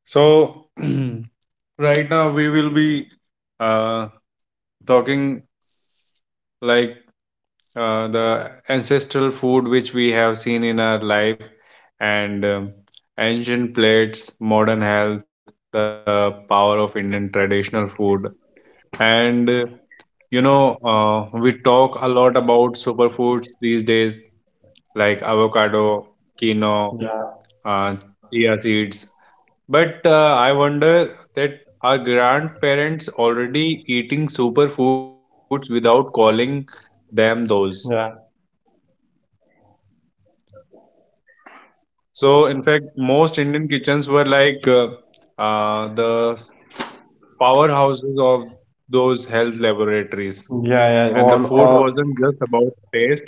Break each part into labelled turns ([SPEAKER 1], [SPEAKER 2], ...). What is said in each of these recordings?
[SPEAKER 1] So right now we will be uh, talking like the ancestral food which we have seen in our life and ancient plates, modern health, the power of Indian traditional food. And you know, we talk a lot about superfoods these days like avocado, quinoa,
[SPEAKER 2] Yeah,
[SPEAKER 1] uh, chia seeds, But I wonder that our grandparents already eating superfoods without calling them those.
[SPEAKER 2] yeah,
[SPEAKER 1] So, in fact, most Indian kitchens were like the powerhouses of those health laboratories.
[SPEAKER 2] yeah.
[SPEAKER 1] And the food wasn't just about taste,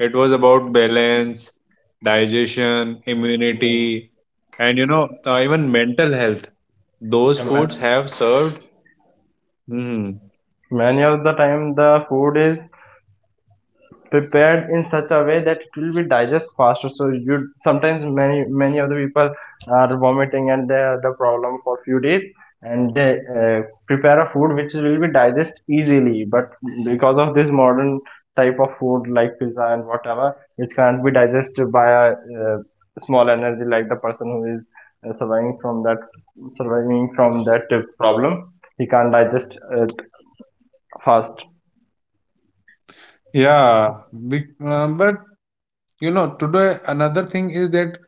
[SPEAKER 1] it was about balance, digestion,
[SPEAKER 2] Yeah.
[SPEAKER 1] immunity, and you know, even mental health. Those foods
[SPEAKER 2] Ma-
[SPEAKER 1] have served. Mhm.
[SPEAKER 2] many of the time the food is prepared in such a way that it will be digest faster so you sometimes many of the people are vomiting and they have the problem for few days and they uh, prepare a food which will be digest easily but because of this modern type of food like pizza and whatever it can't be digested by a small energy like the person who is surviving from that problem he can't digest it fast.
[SPEAKER 1] Yeah, but you know, today another thing is that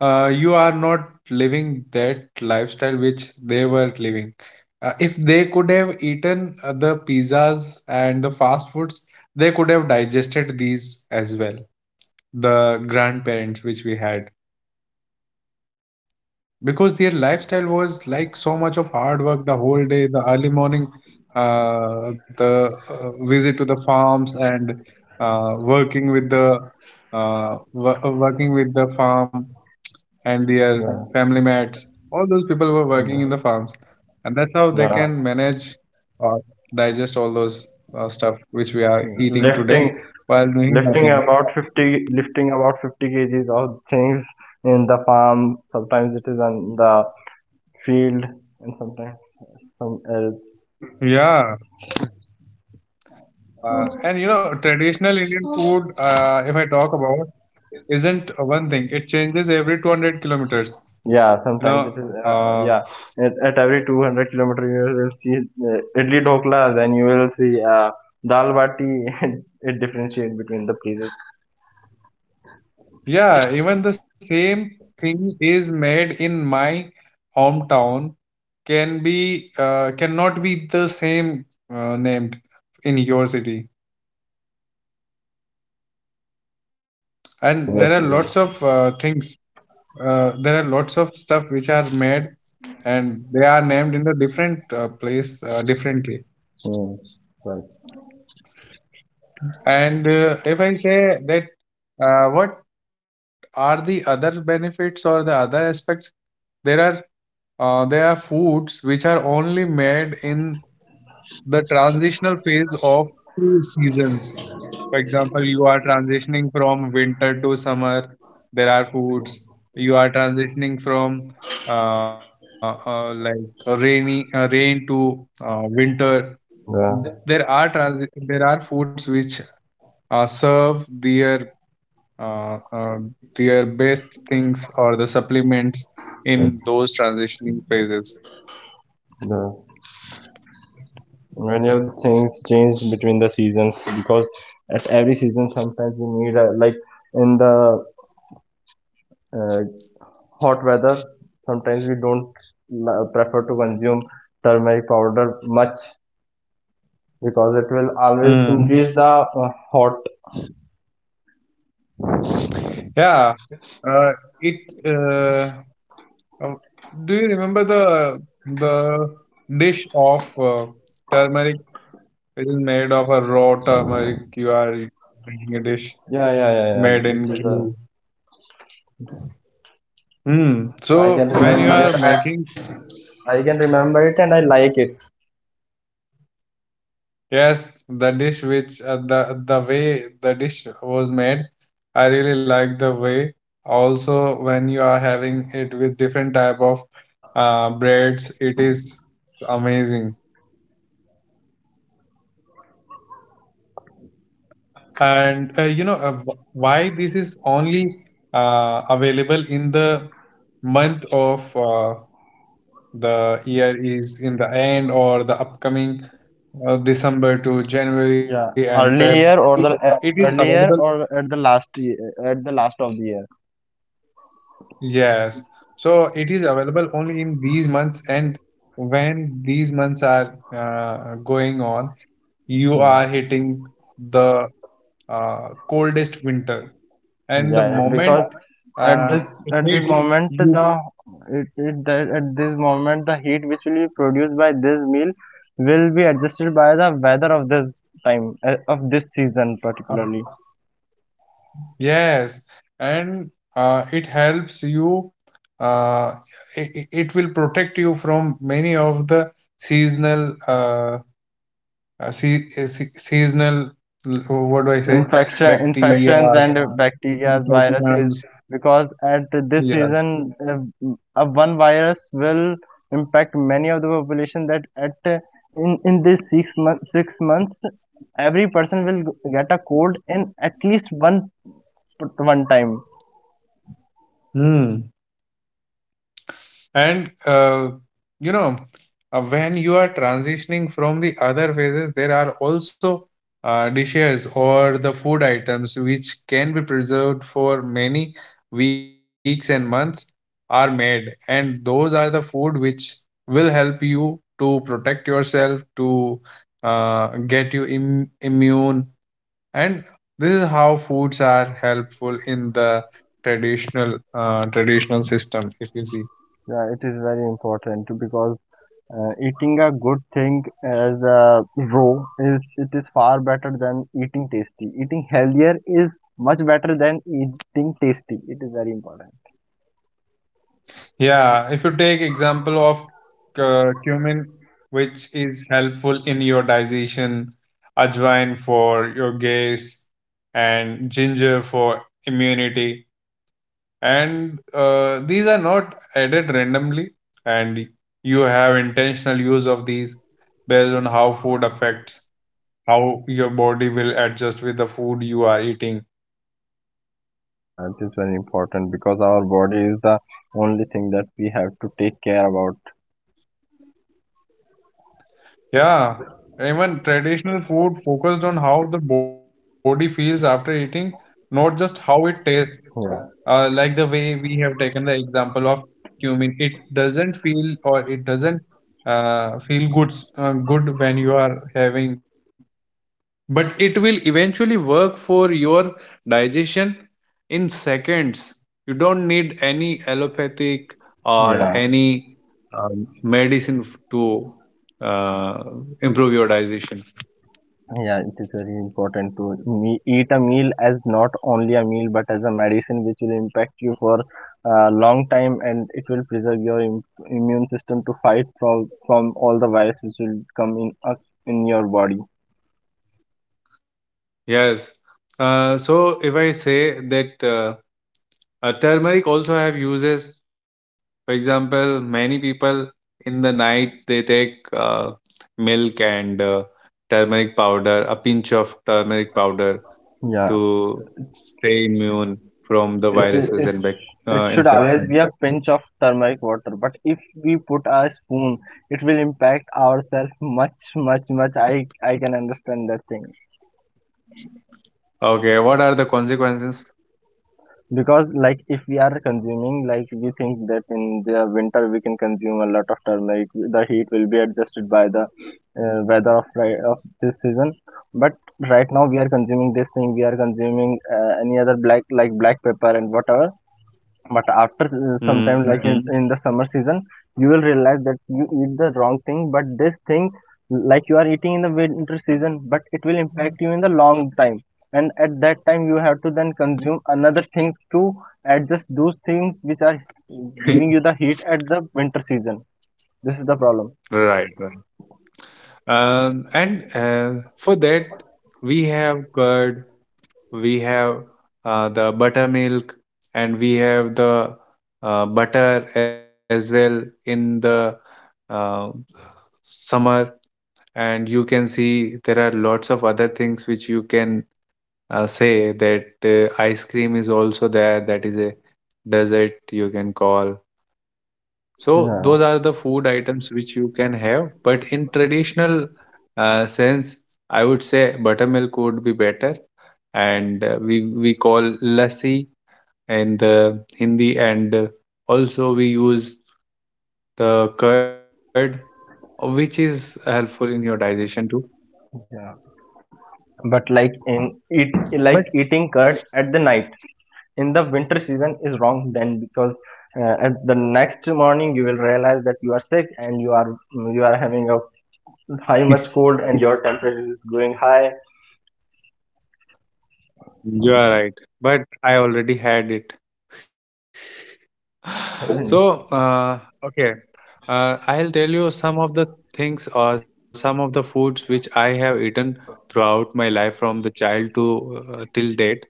[SPEAKER 1] you are not living that lifestyle which they were living. If they could have eaten the pizzas and the fast foods, they could have digested these as well. The grandparents which we had, because their lifestyle was like so much of hard work the whole day, the early morning, the visit to the farms and working with the working with the farm, and their
[SPEAKER 2] yeah
[SPEAKER 1] family mates, all those people were
[SPEAKER 2] yeah,
[SPEAKER 1] working in the farms, and that's how they
[SPEAKER 2] yeah.
[SPEAKER 1] can manage or digest all those stuff which we are
[SPEAKER 2] Yeah,
[SPEAKER 1] eating
[SPEAKER 2] lifting
[SPEAKER 1] today while doing
[SPEAKER 2] lifting
[SPEAKER 1] nothing.
[SPEAKER 2] about 50 lifting about 50 kgs of things in the farm, sometimes it is on the field and sometimes some
[SPEAKER 1] yeah and you know, traditional Indian food, if I talk about, isn't one thing. It changes every 200 kilometers.
[SPEAKER 2] yeah.
[SPEAKER 1] You know,
[SPEAKER 2] sometimes it is uh,
[SPEAKER 1] uh,
[SPEAKER 2] yeah at every 200 kilometer you will see idli dhokla, then you will see dal bati and it differentiate between the places.
[SPEAKER 1] yeah, even the same thing is made in my hometown can be cannot be the same named in your city.
[SPEAKER 2] Yeah,
[SPEAKER 1] And there are
[SPEAKER 2] obviously yes.
[SPEAKER 1] lots of things. There are lots of stuff which are made, and they are named in the different place differently.
[SPEAKER 2] Hmm. Right.
[SPEAKER 1] And if I say that, what are the other benefits or the other aspects? There are there are foods which are only made in the transitional phase of two seasons. For example, you are transitioning from winter to summer. There are foods, you are transitioning from like rain to winter.
[SPEAKER 2] the
[SPEAKER 1] There are foods which serve uh, uh, their best things or the supplements in those transitioning phases.
[SPEAKER 2] the many of the things change between the seasons because at every season sometimes we need like in the uh, hot weather sometimes we don't prefer to consume turmeric powder much because it will always
[SPEAKER 1] Mm.
[SPEAKER 2] increase the hot.
[SPEAKER 1] Yeah, uh, it. Uh, do you remember the dish of turmeric? It is made of a raw turmeric. You are making a dish
[SPEAKER 2] yeah yeah yeah,
[SPEAKER 1] made
[SPEAKER 2] yeah. It
[SPEAKER 1] in
[SPEAKER 2] is, a.
[SPEAKER 1] ghee. Hmm.
[SPEAKER 2] I
[SPEAKER 1] So
[SPEAKER 2] can
[SPEAKER 1] when you
[SPEAKER 2] remember
[SPEAKER 1] are
[SPEAKER 2] it.
[SPEAKER 1] making,
[SPEAKER 2] I can remember it and I like it.
[SPEAKER 1] yes, the dish which the way the dish was made, I really like the way. Also, when you are having it with different type of breads, it is amazing. And you know, why this is only available in the month of the year, is in the end or the upcoming December to January
[SPEAKER 2] Yeah,
[SPEAKER 1] and Feb.
[SPEAKER 2] earlier or the
[SPEAKER 1] It is available,
[SPEAKER 2] earlier or at the last at the last of the
[SPEAKER 1] yes. So it is available only in these months, and when these months are going on, you
[SPEAKER 2] year.
[SPEAKER 1] are hitting the coldest winter. And the
[SPEAKER 2] Yeah, yeah,
[SPEAKER 1] moment
[SPEAKER 2] because at
[SPEAKER 1] uh, it
[SPEAKER 2] this
[SPEAKER 1] hits,
[SPEAKER 2] moment
[SPEAKER 1] you,
[SPEAKER 2] the, at this moment the heat which will be produced by this meal will be adjusted by the weather of this time of this season
[SPEAKER 1] uh,
[SPEAKER 2] particularly.
[SPEAKER 1] yes, and it helps you. Uh, it will protect you from many of the seasonal seasonal, what do I say, bacteria,
[SPEAKER 2] Infections and bacteria viruses,
[SPEAKER 1] infections.
[SPEAKER 2] because at this
[SPEAKER 1] Yeah.
[SPEAKER 2] season one virus will impact many of the population. That at In this 6 months every person will get a cold in at least 1 one time.
[SPEAKER 1] Hmm. And you know, when you are transitioning from the other phases, there are also dishes or the food items which can be preserved for many weeks and months are made, and those are the food which will help you to protect yourself to get you immune, and this is how foods are helpful in the traditional system, if you see.
[SPEAKER 2] Yeah, it is very important because eating a good thing as raw is, it is far better than eating tasty. Eating healthier is much better than eating tasty. It is very important.
[SPEAKER 1] Yeah, if you take example of cumin, which is helpful in your digestion, ajwain for your gas, and ginger for immunity. And these are not added randomly, and you have intentional use of these based on how food affects, how your body will adjust with the food you are eating.
[SPEAKER 2] Yeah, it is very important because our body is the only thing that we have to take care about.
[SPEAKER 1] Yeah, even traditional food focused on how the body feels after eating, not just how it tastes.
[SPEAKER 2] Yeah,
[SPEAKER 1] Like the way we have taken the example of cumin, it doesn't feel, or it doesn't feel good, good when you are having, but it will eventually work for your digestion in seconds. You don't need any allopathic or
[SPEAKER 2] yeah.
[SPEAKER 1] any medicine to uh, improve your digestion.
[SPEAKER 2] Yeah, it is very important to me eat a meal as not only a meal but as a medicine which will impact you for a long time and it will preserve your immune system to fight from all the virus which will come in your body.
[SPEAKER 1] Yes, so if I say that, turmeric also have uses. For example, many people in the night they take milk and turmeric powder, a pinch of turmeric powder,
[SPEAKER 2] Yeah,
[SPEAKER 1] to stay immune from the
[SPEAKER 2] it is
[SPEAKER 1] viruses and
[SPEAKER 2] it it should always
[SPEAKER 1] infection.
[SPEAKER 2] be a pinch of turmeric water, but if we put a spoon it will impact ourselves much. I can understand that thing.
[SPEAKER 1] Okay, what are the consequences?
[SPEAKER 2] Because like if we are consuming, like we think that in the winter we can consume a lot of turmeric, the heat will be adjusted by the weather of this season. But right now we are consuming this thing, we are consuming any other black, like black pepper and whatever, but after some time
[SPEAKER 1] Mm.
[SPEAKER 2] like, hmm, in the summer season you will realize that you eat the wrong thing. But this thing, like you are eating in the winter season but it will impact you in the long time, and at that time you have to then consume another thing to adjust those things which are giving you the heat at the winter season. This is the problem.
[SPEAKER 1] Right, right. And For that, we have curd, we have the buttermilk, and we have the butter as well in the uh, summer. And you can see there are lots of other things which you can say that, ice cream is also there, that is a dessert you can call. So those are
[SPEAKER 2] Yeah.
[SPEAKER 1] the food items which you can have, but in traditional sense, I would say buttermilk would be better. And we call lassi in the Hindi, and also we use the curd, which is helpful in your digestion too.
[SPEAKER 2] Yeah. But like in
[SPEAKER 1] But
[SPEAKER 2] eat, like eating curd at the night in the winter season is wrong then, because at the next morning you will realize that you are sick and you are having a high much cold and your temperature is going high.
[SPEAKER 1] you are right, but I already had it. So,
[SPEAKER 2] Yeah
[SPEAKER 1] okay, I'll tell you some of the things or some of the foods which I have eaten throughout my life from the child to till date,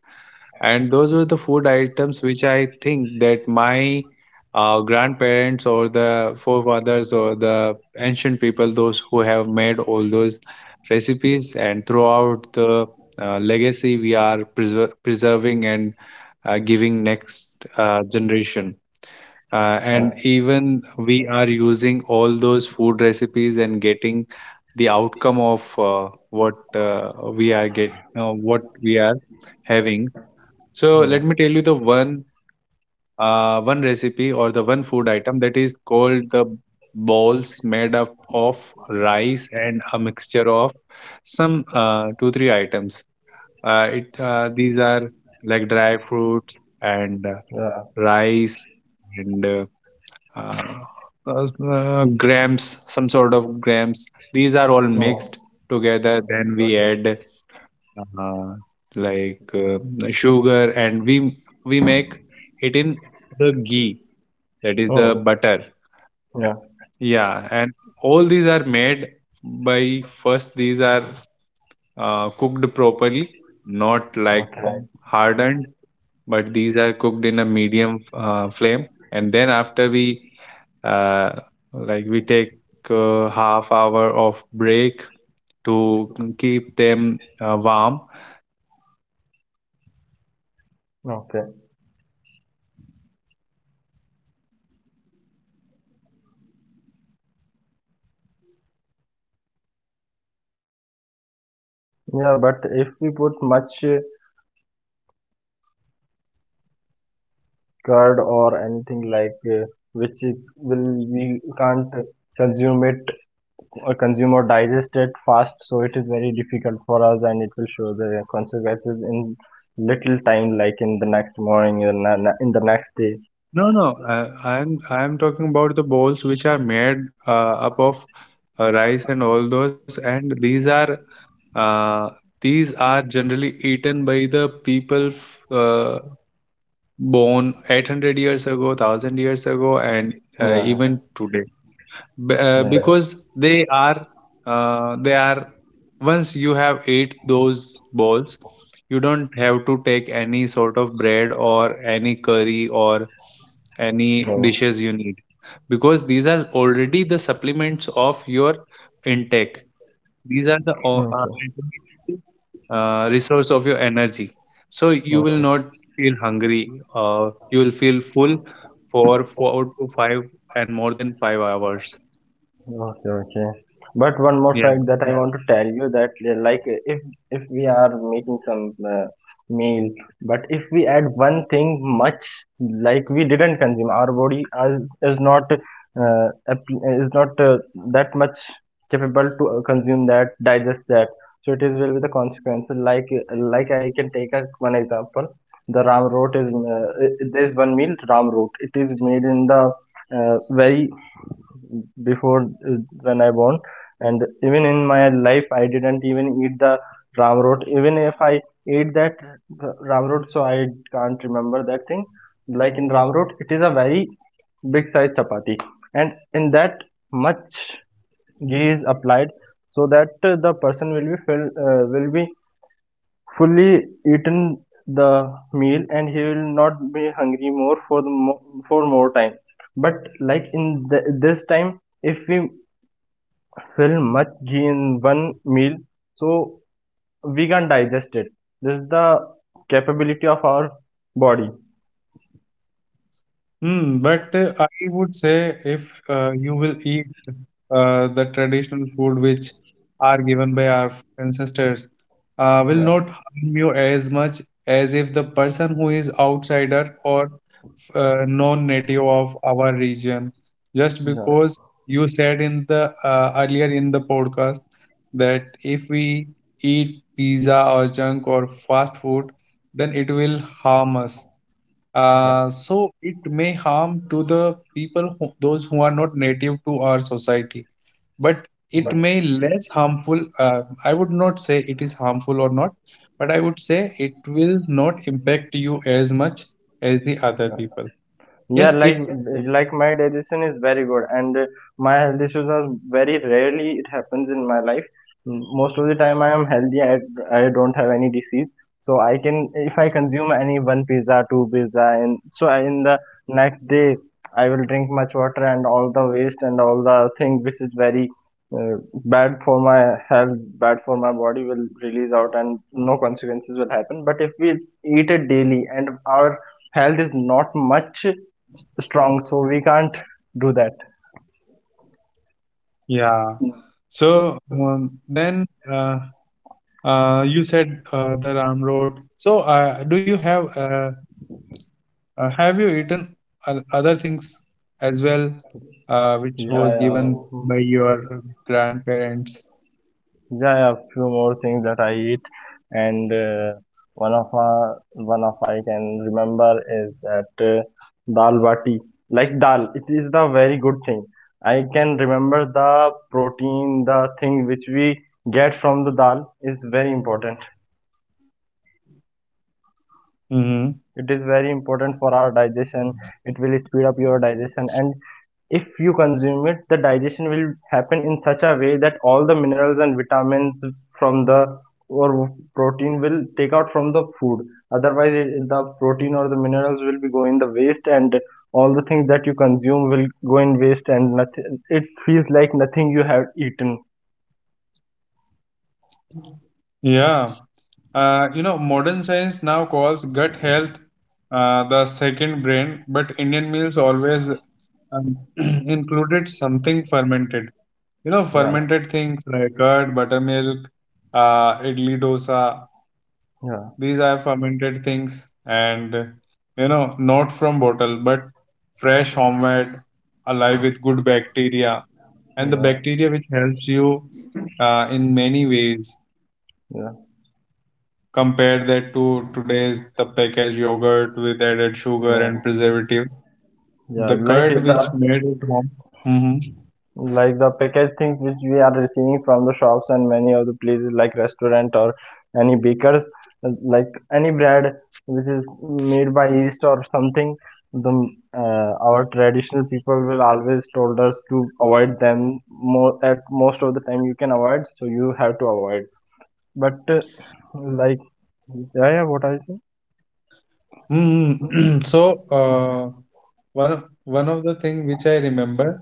[SPEAKER 1] and those were the food items which I think that my grandparents or the forefathers or the ancient people, those who have made all those recipes, and throughout the legacy we are preserving and giving next generation. And even we are using all those food recipes and getting the outcome of what we are having. So let
[SPEAKER 2] yeah,
[SPEAKER 1] me tell you the one recipe or the one food item, that is called the balls made up of rice and a mixture of some 2-3 items. It These are like dry fruits and
[SPEAKER 2] yeah.
[SPEAKER 1] rice, and uh, grams, some sort of grams. These are all mixed
[SPEAKER 2] No.
[SPEAKER 1] together, then we
[SPEAKER 2] Okay.
[SPEAKER 1] add uh, like uh, sugar, and we make it in the ghee, that is the
[SPEAKER 2] Oh,
[SPEAKER 1] butter.
[SPEAKER 2] yeah.
[SPEAKER 1] Yeah, and all these are made by first, these are cooked properly, not like
[SPEAKER 2] Okay,
[SPEAKER 1] hardened, but these are cooked in a medium flame. And then after we uh, like, we take half hour of break to keep them warm, then after we start making
[SPEAKER 2] okay.
[SPEAKER 1] balls of them, and we use them throughout the winter, and we eat them after we, but for digestion you have to work hard.
[SPEAKER 2] Yeah, but if
[SPEAKER 1] Otherwise
[SPEAKER 2] we
[SPEAKER 1] you
[SPEAKER 2] put
[SPEAKER 1] can just,
[SPEAKER 2] much
[SPEAKER 1] Mhm.
[SPEAKER 2] curd or anything like which it will, we can't consume it. Or consume or digest it fast, so it is very difficult for us and it will show the consequences in little time, like in the next morning, in the next day.
[SPEAKER 1] No, no. I'm talking about the bowls which are made up of rice and all those, and uh, these are generally eaten by the people born 800 years ago, thousand years ago, and
[SPEAKER 2] No.
[SPEAKER 1] even today. B- uh,
[SPEAKER 2] But.
[SPEAKER 1] because they are uh, they are, once you have ate those balls, you don't have to take any sort of bread or any curry or any
[SPEAKER 2] No,
[SPEAKER 1] dishes you need, because these are already the supplements of your intake. These are the
[SPEAKER 2] no. Okay.
[SPEAKER 1] ultimate, resource of your energy, so you
[SPEAKER 2] Okay.
[SPEAKER 1] will not feel hungry, you will feel full for 4 to 5 and more than 5 hours.
[SPEAKER 2] Okay, okay. But one more
[SPEAKER 1] Yeah.
[SPEAKER 2] fact that I, yeah, want to tell you, that like if we are making some uh, meal, but if we add one thing much like we didn't consume, our body is, is not is not that much capable to consume that, digest that. So it is will be the consequences. Like I can take one example. The ram root is there is one meal ram root. It is made in the very before when I born, and even in my life I didn't even eat the ramrot. Even if I ate that ramrot, so I can't remember that thing. Like in ramrot, it is a very big size chapati, and in that much ghee is applied so that the person will be fill, will be fully eaten the meal and he will not be hungry more for the for more time. But like in this time if we fill much ghee in one meal, so we can digest it. This is the capability of our body.
[SPEAKER 1] Hmm, but I would say if you will eat the traditional food which are given by our ancestors, will
[SPEAKER 2] yeah
[SPEAKER 1] not harm you as much as if the person who is outsider or non-native of our region. Just
[SPEAKER 2] yeah
[SPEAKER 1] because you said in the earlier in the podcast that if we eat pizza or junk or fast food, then it will harm us.
[SPEAKER 2] yeah, yeah.
[SPEAKER 1] So it may harm to the people who, those who are not native to our society, but it
[SPEAKER 2] But.
[SPEAKER 1] may less harmful. I would not say it is harmful or not, but I would say it will not impact you as much as the other
[SPEAKER 2] Yeah.
[SPEAKER 1] people.
[SPEAKER 2] Yeah,
[SPEAKER 1] Yes,
[SPEAKER 2] like
[SPEAKER 1] it.
[SPEAKER 2] like my digestion is very good, and my health issues are very rarely it happens in my life. Mm, most of the time, I am healthy. I don't have any disease, so I can if I consume any one pizza, two pizza, and so I, in the next day I will drink much water and all the waste and all the thing which is very uh, bad for my health, bad for my body will release out and no consequences will happen. But if we eat it daily and our health is not much strong, so we can't do that.
[SPEAKER 1] Yeah. So then you said the Ram Road. So do you have you eaten other things as well, which
[SPEAKER 2] Yeah,
[SPEAKER 1] was
[SPEAKER 2] yeah.
[SPEAKER 1] given by your grandparents?
[SPEAKER 2] Yeah, I few more things that I eat, and one of I can remember is that dal bati, like dal. It is the very good thing. I can remember the protein, the thing which we get from the dal is very important.
[SPEAKER 1] Hmm.
[SPEAKER 2] It is very important for our digestion. It will speed up your digestion, and if you consume it the digestion will happen in such a way that all the minerals and vitamins from the, or protein, will take out from the food. Otherwise it- the protein or the minerals will be going the waste and all the things that you consume will go in waste and nothing, it feels like nothing you have eaten.
[SPEAKER 1] Yeah. You know, modern science now calls gut health the second brain, but Indian meals always included something fermented. You know,
[SPEAKER 2] Yeah.
[SPEAKER 1] fermented things like curd, buttermilk, idli dosa.
[SPEAKER 2] Yeah.
[SPEAKER 1] These are fermented things, and you know, not from bottle, but fresh, homemade, alive with good bacteria. And the
[SPEAKER 2] Yeah.
[SPEAKER 1] bacteria which helps you in many ways.
[SPEAKER 2] yeah
[SPEAKER 1] Compare that to today's the packaged yogurt with added sugar
[SPEAKER 2] yeah,
[SPEAKER 1] and preservative.
[SPEAKER 2] yeah.
[SPEAKER 1] The
[SPEAKER 2] Like
[SPEAKER 1] curd which
[SPEAKER 2] the,
[SPEAKER 1] made at home. hmm
[SPEAKER 2] like the packaged things which we are receiving from the shops and many of the places like restaurant or any bakers, like any bread which is made by yeast or something, the our traditional people will always told us to avoid them more, at most of the time you can avoid so you have to avoid. But like. Yeah what I say.
[SPEAKER 1] hmm So uh, one of the thing which I remember.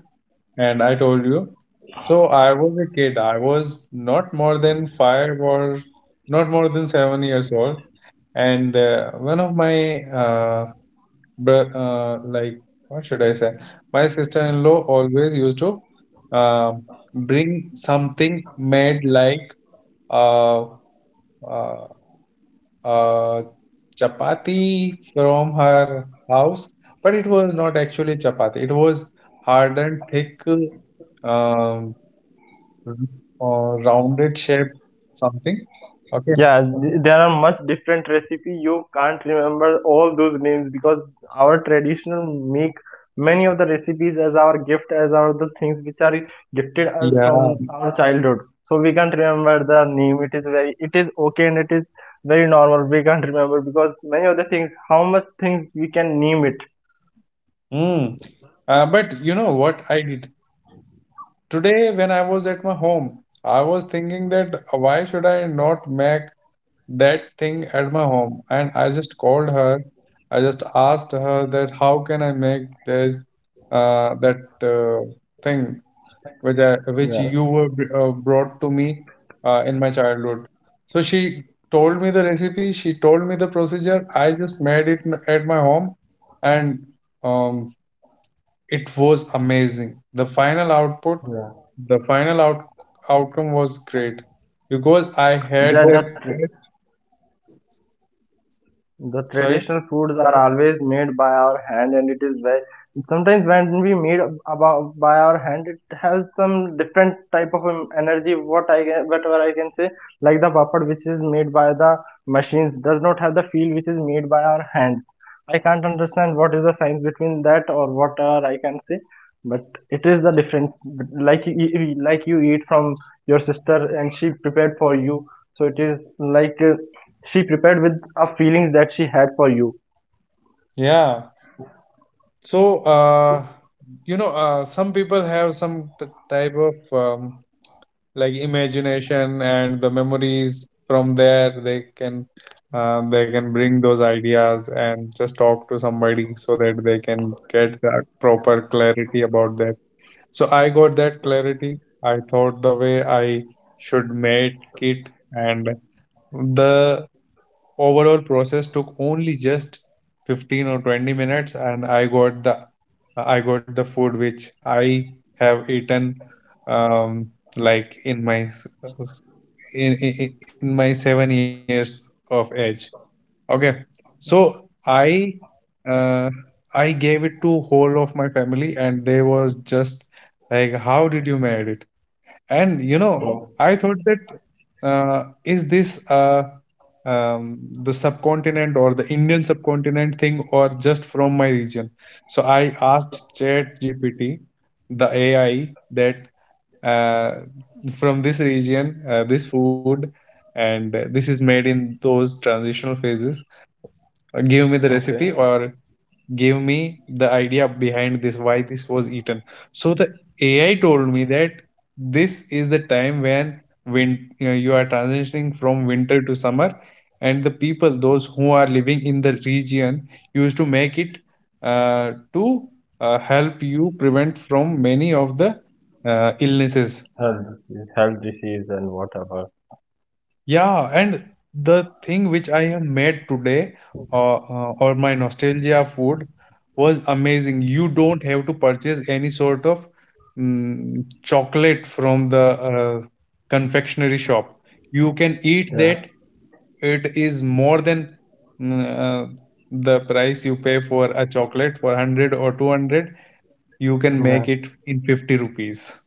[SPEAKER 1] And I told you. So I was a kid. I was not more than 5 or not more than 7 years old. And one of my, bro- uh, like, what should I say? My sister-in-law always used to uh, bring something made like uh, uh, uh, chapati from her house, but it was not actually chapati. It was hard and thick, um, Mhm. or rounded shape something. Okay.
[SPEAKER 2] Yeah, there are much different recipe. You can't remember all those names because our traditional make many of the recipes as our gift, as our the things which are gifted us from
[SPEAKER 1] yeah
[SPEAKER 2] our childhood. So we can't remember the name. It is very, it is okay and it is very normal. We can't remember because many of the things, how much things we can name it.
[SPEAKER 1] mm. But you know what I did today when I was at my home. I was thinking that why should I not make that thing at my home, and I just called her. I just asked her that how can I make this, that thing which, which
[SPEAKER 2] Yeah,
[SPEAKER 1] you brought to me in my childhood. So she told me the recipe, she told me the procedure. I just made it at my home, and um, it was amazing. The final output,
[SPEAKER 2] yeah.
[SPEAKER 1] the outcome was great because I had
[SPEAKER 2] Yeah,
[SPEAKER 1] that.
[SPEAKER 2] that. The
[SPEAKER 1] Sorry.
[SPEAKER 2] traditional foods are always made by our hand, and it is very sometimes when we made about by our hand, it has some different type of energy, what I can, whatever I can say, like the papad, which is made by the machines, does not have the feel which is made by our hands. I can't understand what is the science between that or what I can say, but it is the difference. Like you like you eat from your sister and she prepared for you, so it is like she prepared with a feelings that she had for you.
[SPEAKER 1] Yeah. So, you know, some people have some type of like imagination and the memories, from there they can, they can bring those ideas and just talk to somebody so that they can get that proper clarity about that. So I got that clarity. I thought the way I should make it, and the overall process took only just 15 or 20 minutes, and I got the food which I have eaten um, like s- in, in my 7 years of age. Okay. So I, uh, I gave it to whole of my family, and they was just like, how did you made it? And you know,
[SPEAKER 2] Oh,
[SPEAKER 1] I thought that, is this, the subcontinent or the Indian subcontinent thing or just from my region? So I asked ChatGPT, the AI, that, uh, from this region, this food, and this is made in those transitional phases. Give me the recipe,
[SPEAKER 2] okay.
[SPEAKER 1] or gave me the idea behind this, why this was eaten. So the AI told me that this is the time when when you know, you are transitioning from winter to summer, and the people those who are living in the region used to make it to help you prevent from many of the illnesses.
[SPEAKER 2] Health, health disease and whatever.
[SPEAKER 1] Yeah, and the thing which I have made today, or my nostalgia food, was amazing. You don't have to purchase any sort of mm, chocolate from the confectionery shop. You can eat
[SPEAKER 2] Yeah.
[SPEAKER 1] that. It is more than mm, uh, the price you pay for a chocolate, for 100 or 200. You can make
[SPEAKER 2] Yeah.
[SPEAKER 1] it in 50 rupees.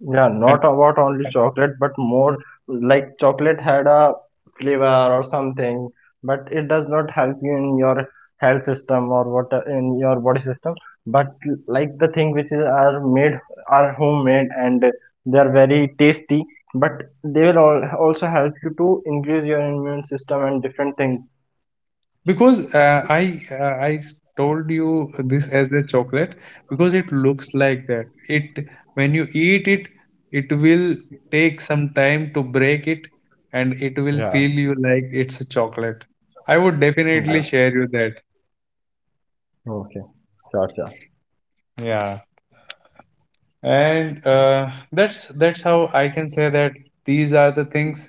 [SPEAKER 2] Yeah, not about only chocolate, but more like chocolate had a flavor or something, but it does not help you in your health system or what in your body system. But like the thing which is are made are homemade and they are very tasty, but they will all also help you to increase your immune system and different things.
[SPEAKER 1] Because I, I told you this as a chocolate because it looks like that. It When you eat it, it will take some time to break it, and it will
[SPEAKER 2] Yeah.
[SPEAKER 1] feel you like it's a chocolate. I would definitely
[SPEAKER 2] Yeah.
[SPEAKER 1] share you that.
[SPEAKER 2] Okay. Sure, sure.
[SPEAKER 1] Yeah. And that's how I can say that these are the things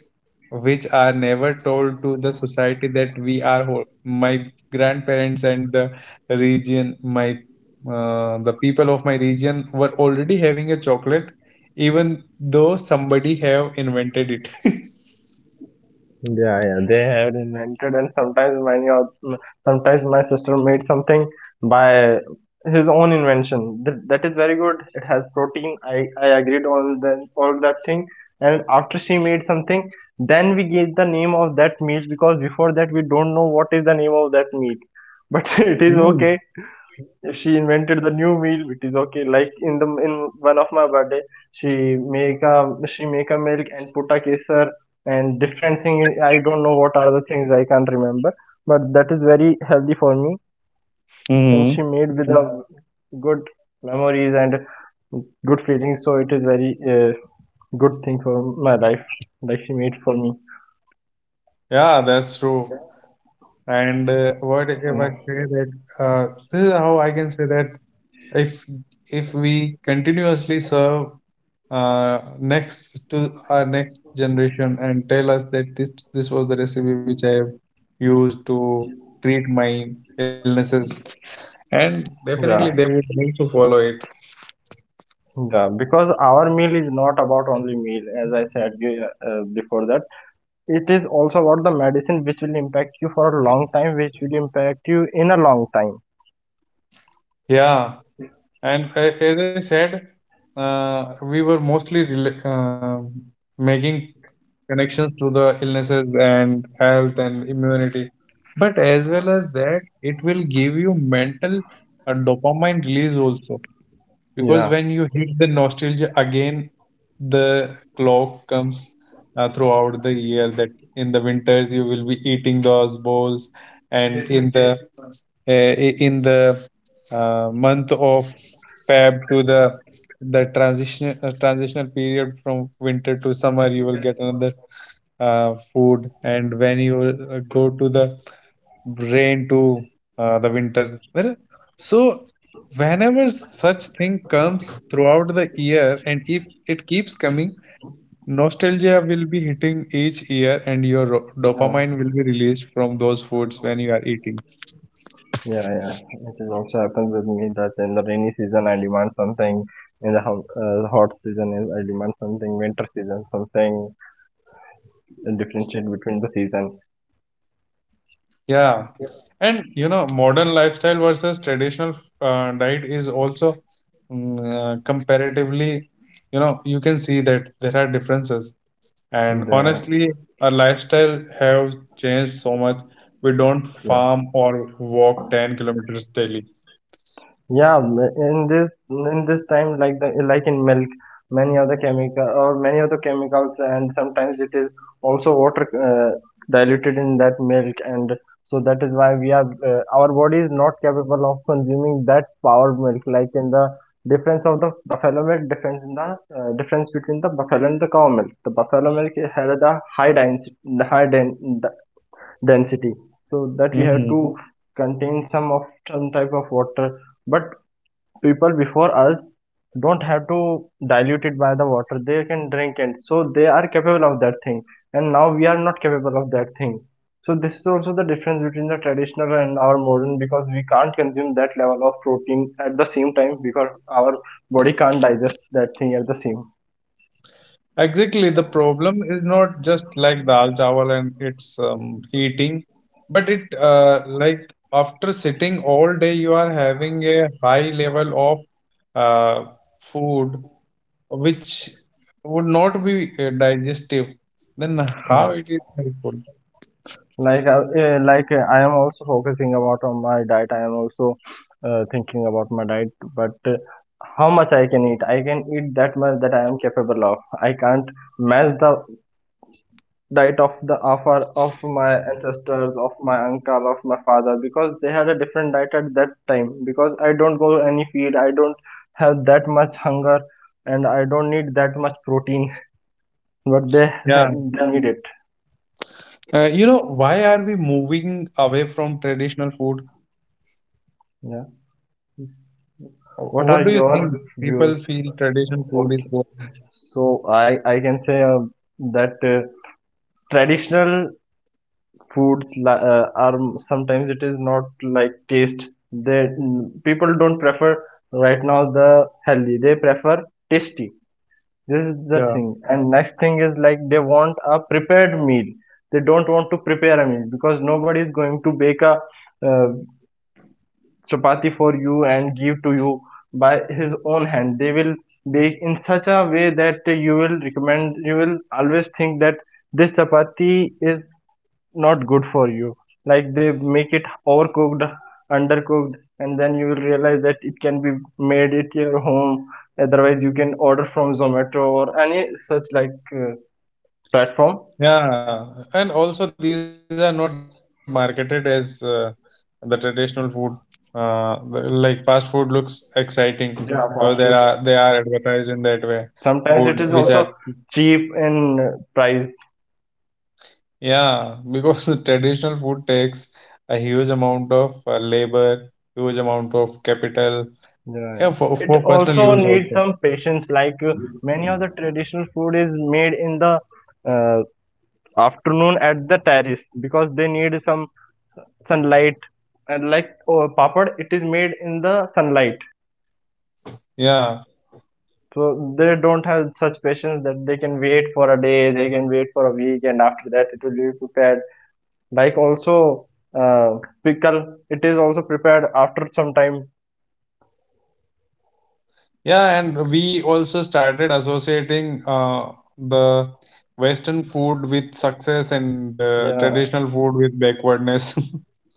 [SPEAKER 1] which are never told to the society, that we are whole. My grandparents and the region, my, the people of my region were already having a chocolate, even though somebody have invented it.
[SPEAKER 2] Yeah, yeah, they have invented, and sometimes my sister made something by his own invention. That, that is very good. It has protein. I agreed on the all that thing. And after she made something, then we gave the name of that meat because before that we don't know what is the name of that meat. But it is
[SPEAKER 1] Mm.
[SPEAKER 2] okay, she invented the new meal which is okay. Like in the in one of my birthday she make a milk and put a kesar and different thing. I don't know what are the things, I can't remember, but that is very healthy for me. And she
[SPEAKER 1] hmm
[SPEAKER 2] made with a good memories and good feelings, so it is very good thing for my life, like she made for me.
[SPEAKER 1] Yeah, that's true. And what if
[SPEAKER 2] Mm,
[SPEAKER 1] I say that, this is how I can say that, if we continuously serve next to our next generation and tell us that this was the recipe which I have used to treat my illnesses, and definitely they
[SPEAKER 2] yeah,
[SPEAKER 1] would need to follow it.
[SPEAKER 2] yeah, because our meal is not about only meal, as I said before that, it is also about the medicine which will impact you for a long time, which will impact you in a long time.
[SPEAKER 1] Yeah. And as I said, we were mostly making connections to the illnesses and health and immunity. But as well as that, it will give you mental, dopamine release also, because
[SPEAKER 2] Yeah,
[SPEAKER 1] when you hit the nostalgia again, the clock comes throughout the year, that in the winters you will be eating those bowls, and in the, uh, in the, month of Feb to the transition, transitional period from winter to summer, you will get another food, and when you go to the rain to the winter. Well, so whenever such thing comes throughout the year, and if it keeps coming, nostalgia will be hitting each year, and your
[SPEAKER 2] yeah,
[SPEAKER 1] dopamine will be released from those foods when you are eating.
[SPEAKER 2] yeah, yeah, it is also happens with me that in the rainy season I demand something, in the hot, hot season I demand something, winter season something, and differentiate between the season.
[SPEAKER 1] Yeah. And you know, modern lifestyle versus traditional diet is also, comparatively, you know, you can see that there are differences. And
[SPEAKER 2] The,
[SPEAKER 1] honestly, our lifestyle has changed so much. We don't
[SPEAKER 2] yeah.
[SPEAKER 1] farm or walk 10 kilometers daily.
[SPEAKER 2] Yeah, m- in this time, like the like in milk, many of the chemical or many of the chemicals, and sometimes it is also water diluted in that milk, and so that is why we are our body is not capable of consuming that power milk. Like in the difference of the buffalo milk, difference in the difference between the buffalo and the cow milk. The buffalo milk it had the high density, the high den- the density, so that we have
[SPEAKER 1] hmm
[SPEAKER 2] to contain some of some type of water, but people before us don't have to dilute it by the water, they can drink it, so they are capable of that thing, and now we are not capable of that thing. So this is also the difference between the traditional and our modern, because we can't consume that level of protein at the same time because our body can't digest that thing at the same
[SPEAKER 1] Exactly. The problem is not just like dal chawal and its eating, but it, like after sitting all day, you are having a high level of uh, food which would not be digestive. Then how
[SPEAKER 2] time.
[SPEAKER 1] it is helpful?
[SPEAKER 2] Like like I am also focusing about on my diet, I am also thinking about my diet, but how much I can eat, I can eat that much that I am capable of. I can't match the diet of the offer of my ancestors, of my uncle, of my father, because they had a different diet at that time, because I don't go any field, I don't have that much hunger, and I don't need that much protein. But they,
[SPEAKER 1] Yeah.
[SPEAKER 2] they need it.
[SPEAKER 1] You know, why are we moving away from traditional food?
[SPEAKER 2] Yeah. What are
[SPEAKER 1] What do you
[SPEAKER 2] your
[SPEAKER 1] think? People
[SPEAKER 2] views?
[SPEAKER 1] feel traditional food is
[SPEAKER 2] Okay.
[SPEAKER 1] boring.
[SPEAKER 2] So I can say that traditional foods li- are sometimes it is not like taste. They people don't prefer right now the healthy. They prefer tasty. This is the
[SPEAKER 1] Yeah.
[SPEAKER 2] thing. And next thing is like they want a prepared meal. They don't want to prepare a meal because nobody is going to bake a uh, chapati for you and give to you by his own hand. They will bake in such a way that you will recommend, you will always think that this chapati is not good for you, like they make it overcooked, undercooked, and then you will realize that it can be made at your home. Otherwise you can order from Zomato or any such like platform.
[SPEAKER 1] Yeah. And also, these are not marketed as the traditional food. Like fast food looks exciting, so there
[SPEAKER 2] Yeah,
[SPEAKER 1] are they
[SPEAKER 2] fast
[SPEAKER 1] are
[SPEAKER 2] food.
[SPEAKER 1] advertised in that way. Food which
[SPEAKER 2] Sometimes
[SPEAKER 1] are,
[SPEAKER 2] it is also cheap in price.
[SPEAKER 1] yeah, because the traditional food takes a huge amount of labor, huge amount of capital. Yeah,
[SPEAKER 2] Yeah, yeah.
[SPEAKER 1] for
[SPEAKER 2] It
[SPEAKER 1] personal use
[SPEAKER 2] also
[SPEAKER 1] also.
[SPEAKER 2] needs some patience. Like many of the traditional food is made in the uh, afternoon at the terrace because they need some sunlight. And like oh, papad, it is made in the sunlight.
[SPEAKER 1] Yeah.
[SPEAKER 2] So they don't have such patience that they can wait for a day, they can wait for a week, and after that it will be prepared. Like also uh, pickle, it is also prepared after some time.
[SPEAKER 1] Yeah, and we also started associating the Western food with success and traditional
[SPEAKER 2] Yeah.
[SPEAKER 1] food with backwardness.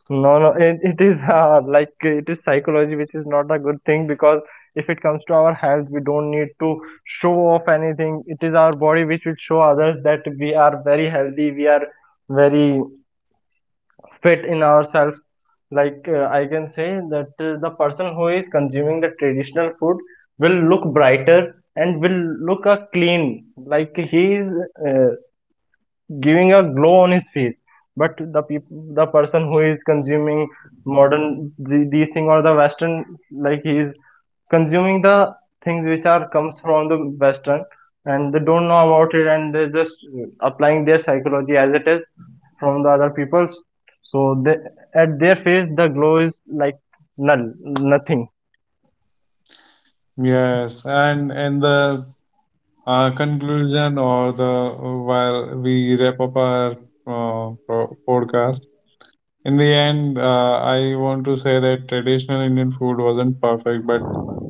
[SPEAKER 2] No, no, it is like it is psychology, which is not a good thing, because if it comes to our health, we don't need to show off anything. It is our body which will show others that we are very healthy, we are very fit in ourselves. Like I can say that the person who is consuming the traditional food will look brighter and will look a clean. Like he is uh, giving a glow on his face, but the peop the person who is consuming modern the, these thing or the western, like he is consuming the things which are comes from the western, and they don't know about it, and they're just applying their psychology as it is from the other people's. So they, at their face the glow is like null, nothing.
[SPEAKER 1] Yes, and the conclusion, or the, while we wrap up our podcast, in the end, I want to say that traditional Indian food wasn't perfect, but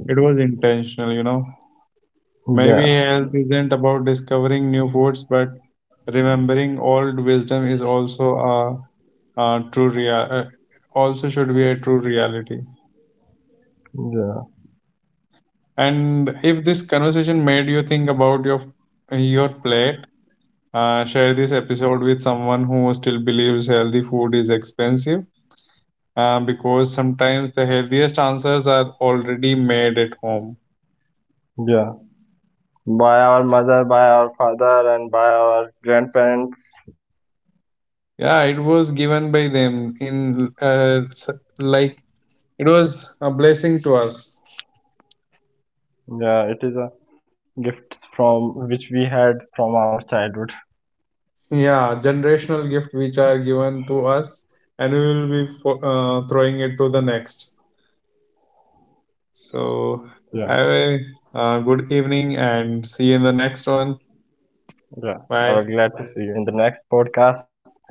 [SPEAKER 1] it was intentional, you know.
[SPEAKER 2] Yeah,
[SPEAKER 1] Maybe health isn't about discovering new foods, but remembering old wisdom is also a also should be a true reality.
[SPEAKER 2] yeah,
[SPEAKER 1] And if this conversation made you think about your plate, share this episode with someone who still believes healthy food is expensive, because sometimes the healthiest answers are already made at home.
[SPEAKER 2] yeah, by our mother, by our father, and by our grandparents.
[SPEAKER 1] Yeah, it was given by them in, like it was a blessing to us.
[SPEAKER 2] Yeah, it is a gift from which we had from our childhood.
[SPEAKER 1] Yeah, generational gift which are given to us, and we will be throwing it to the next. So
[SPEAKER 2] Yeah.
[SPEAKER 1] have a good evening and see you in the next one.
[SPEAKER 2] Yeah,
[SPEAKER 1] Bye.
[SPEAKER 2] I was glad to see you in the next podcast. Thank you.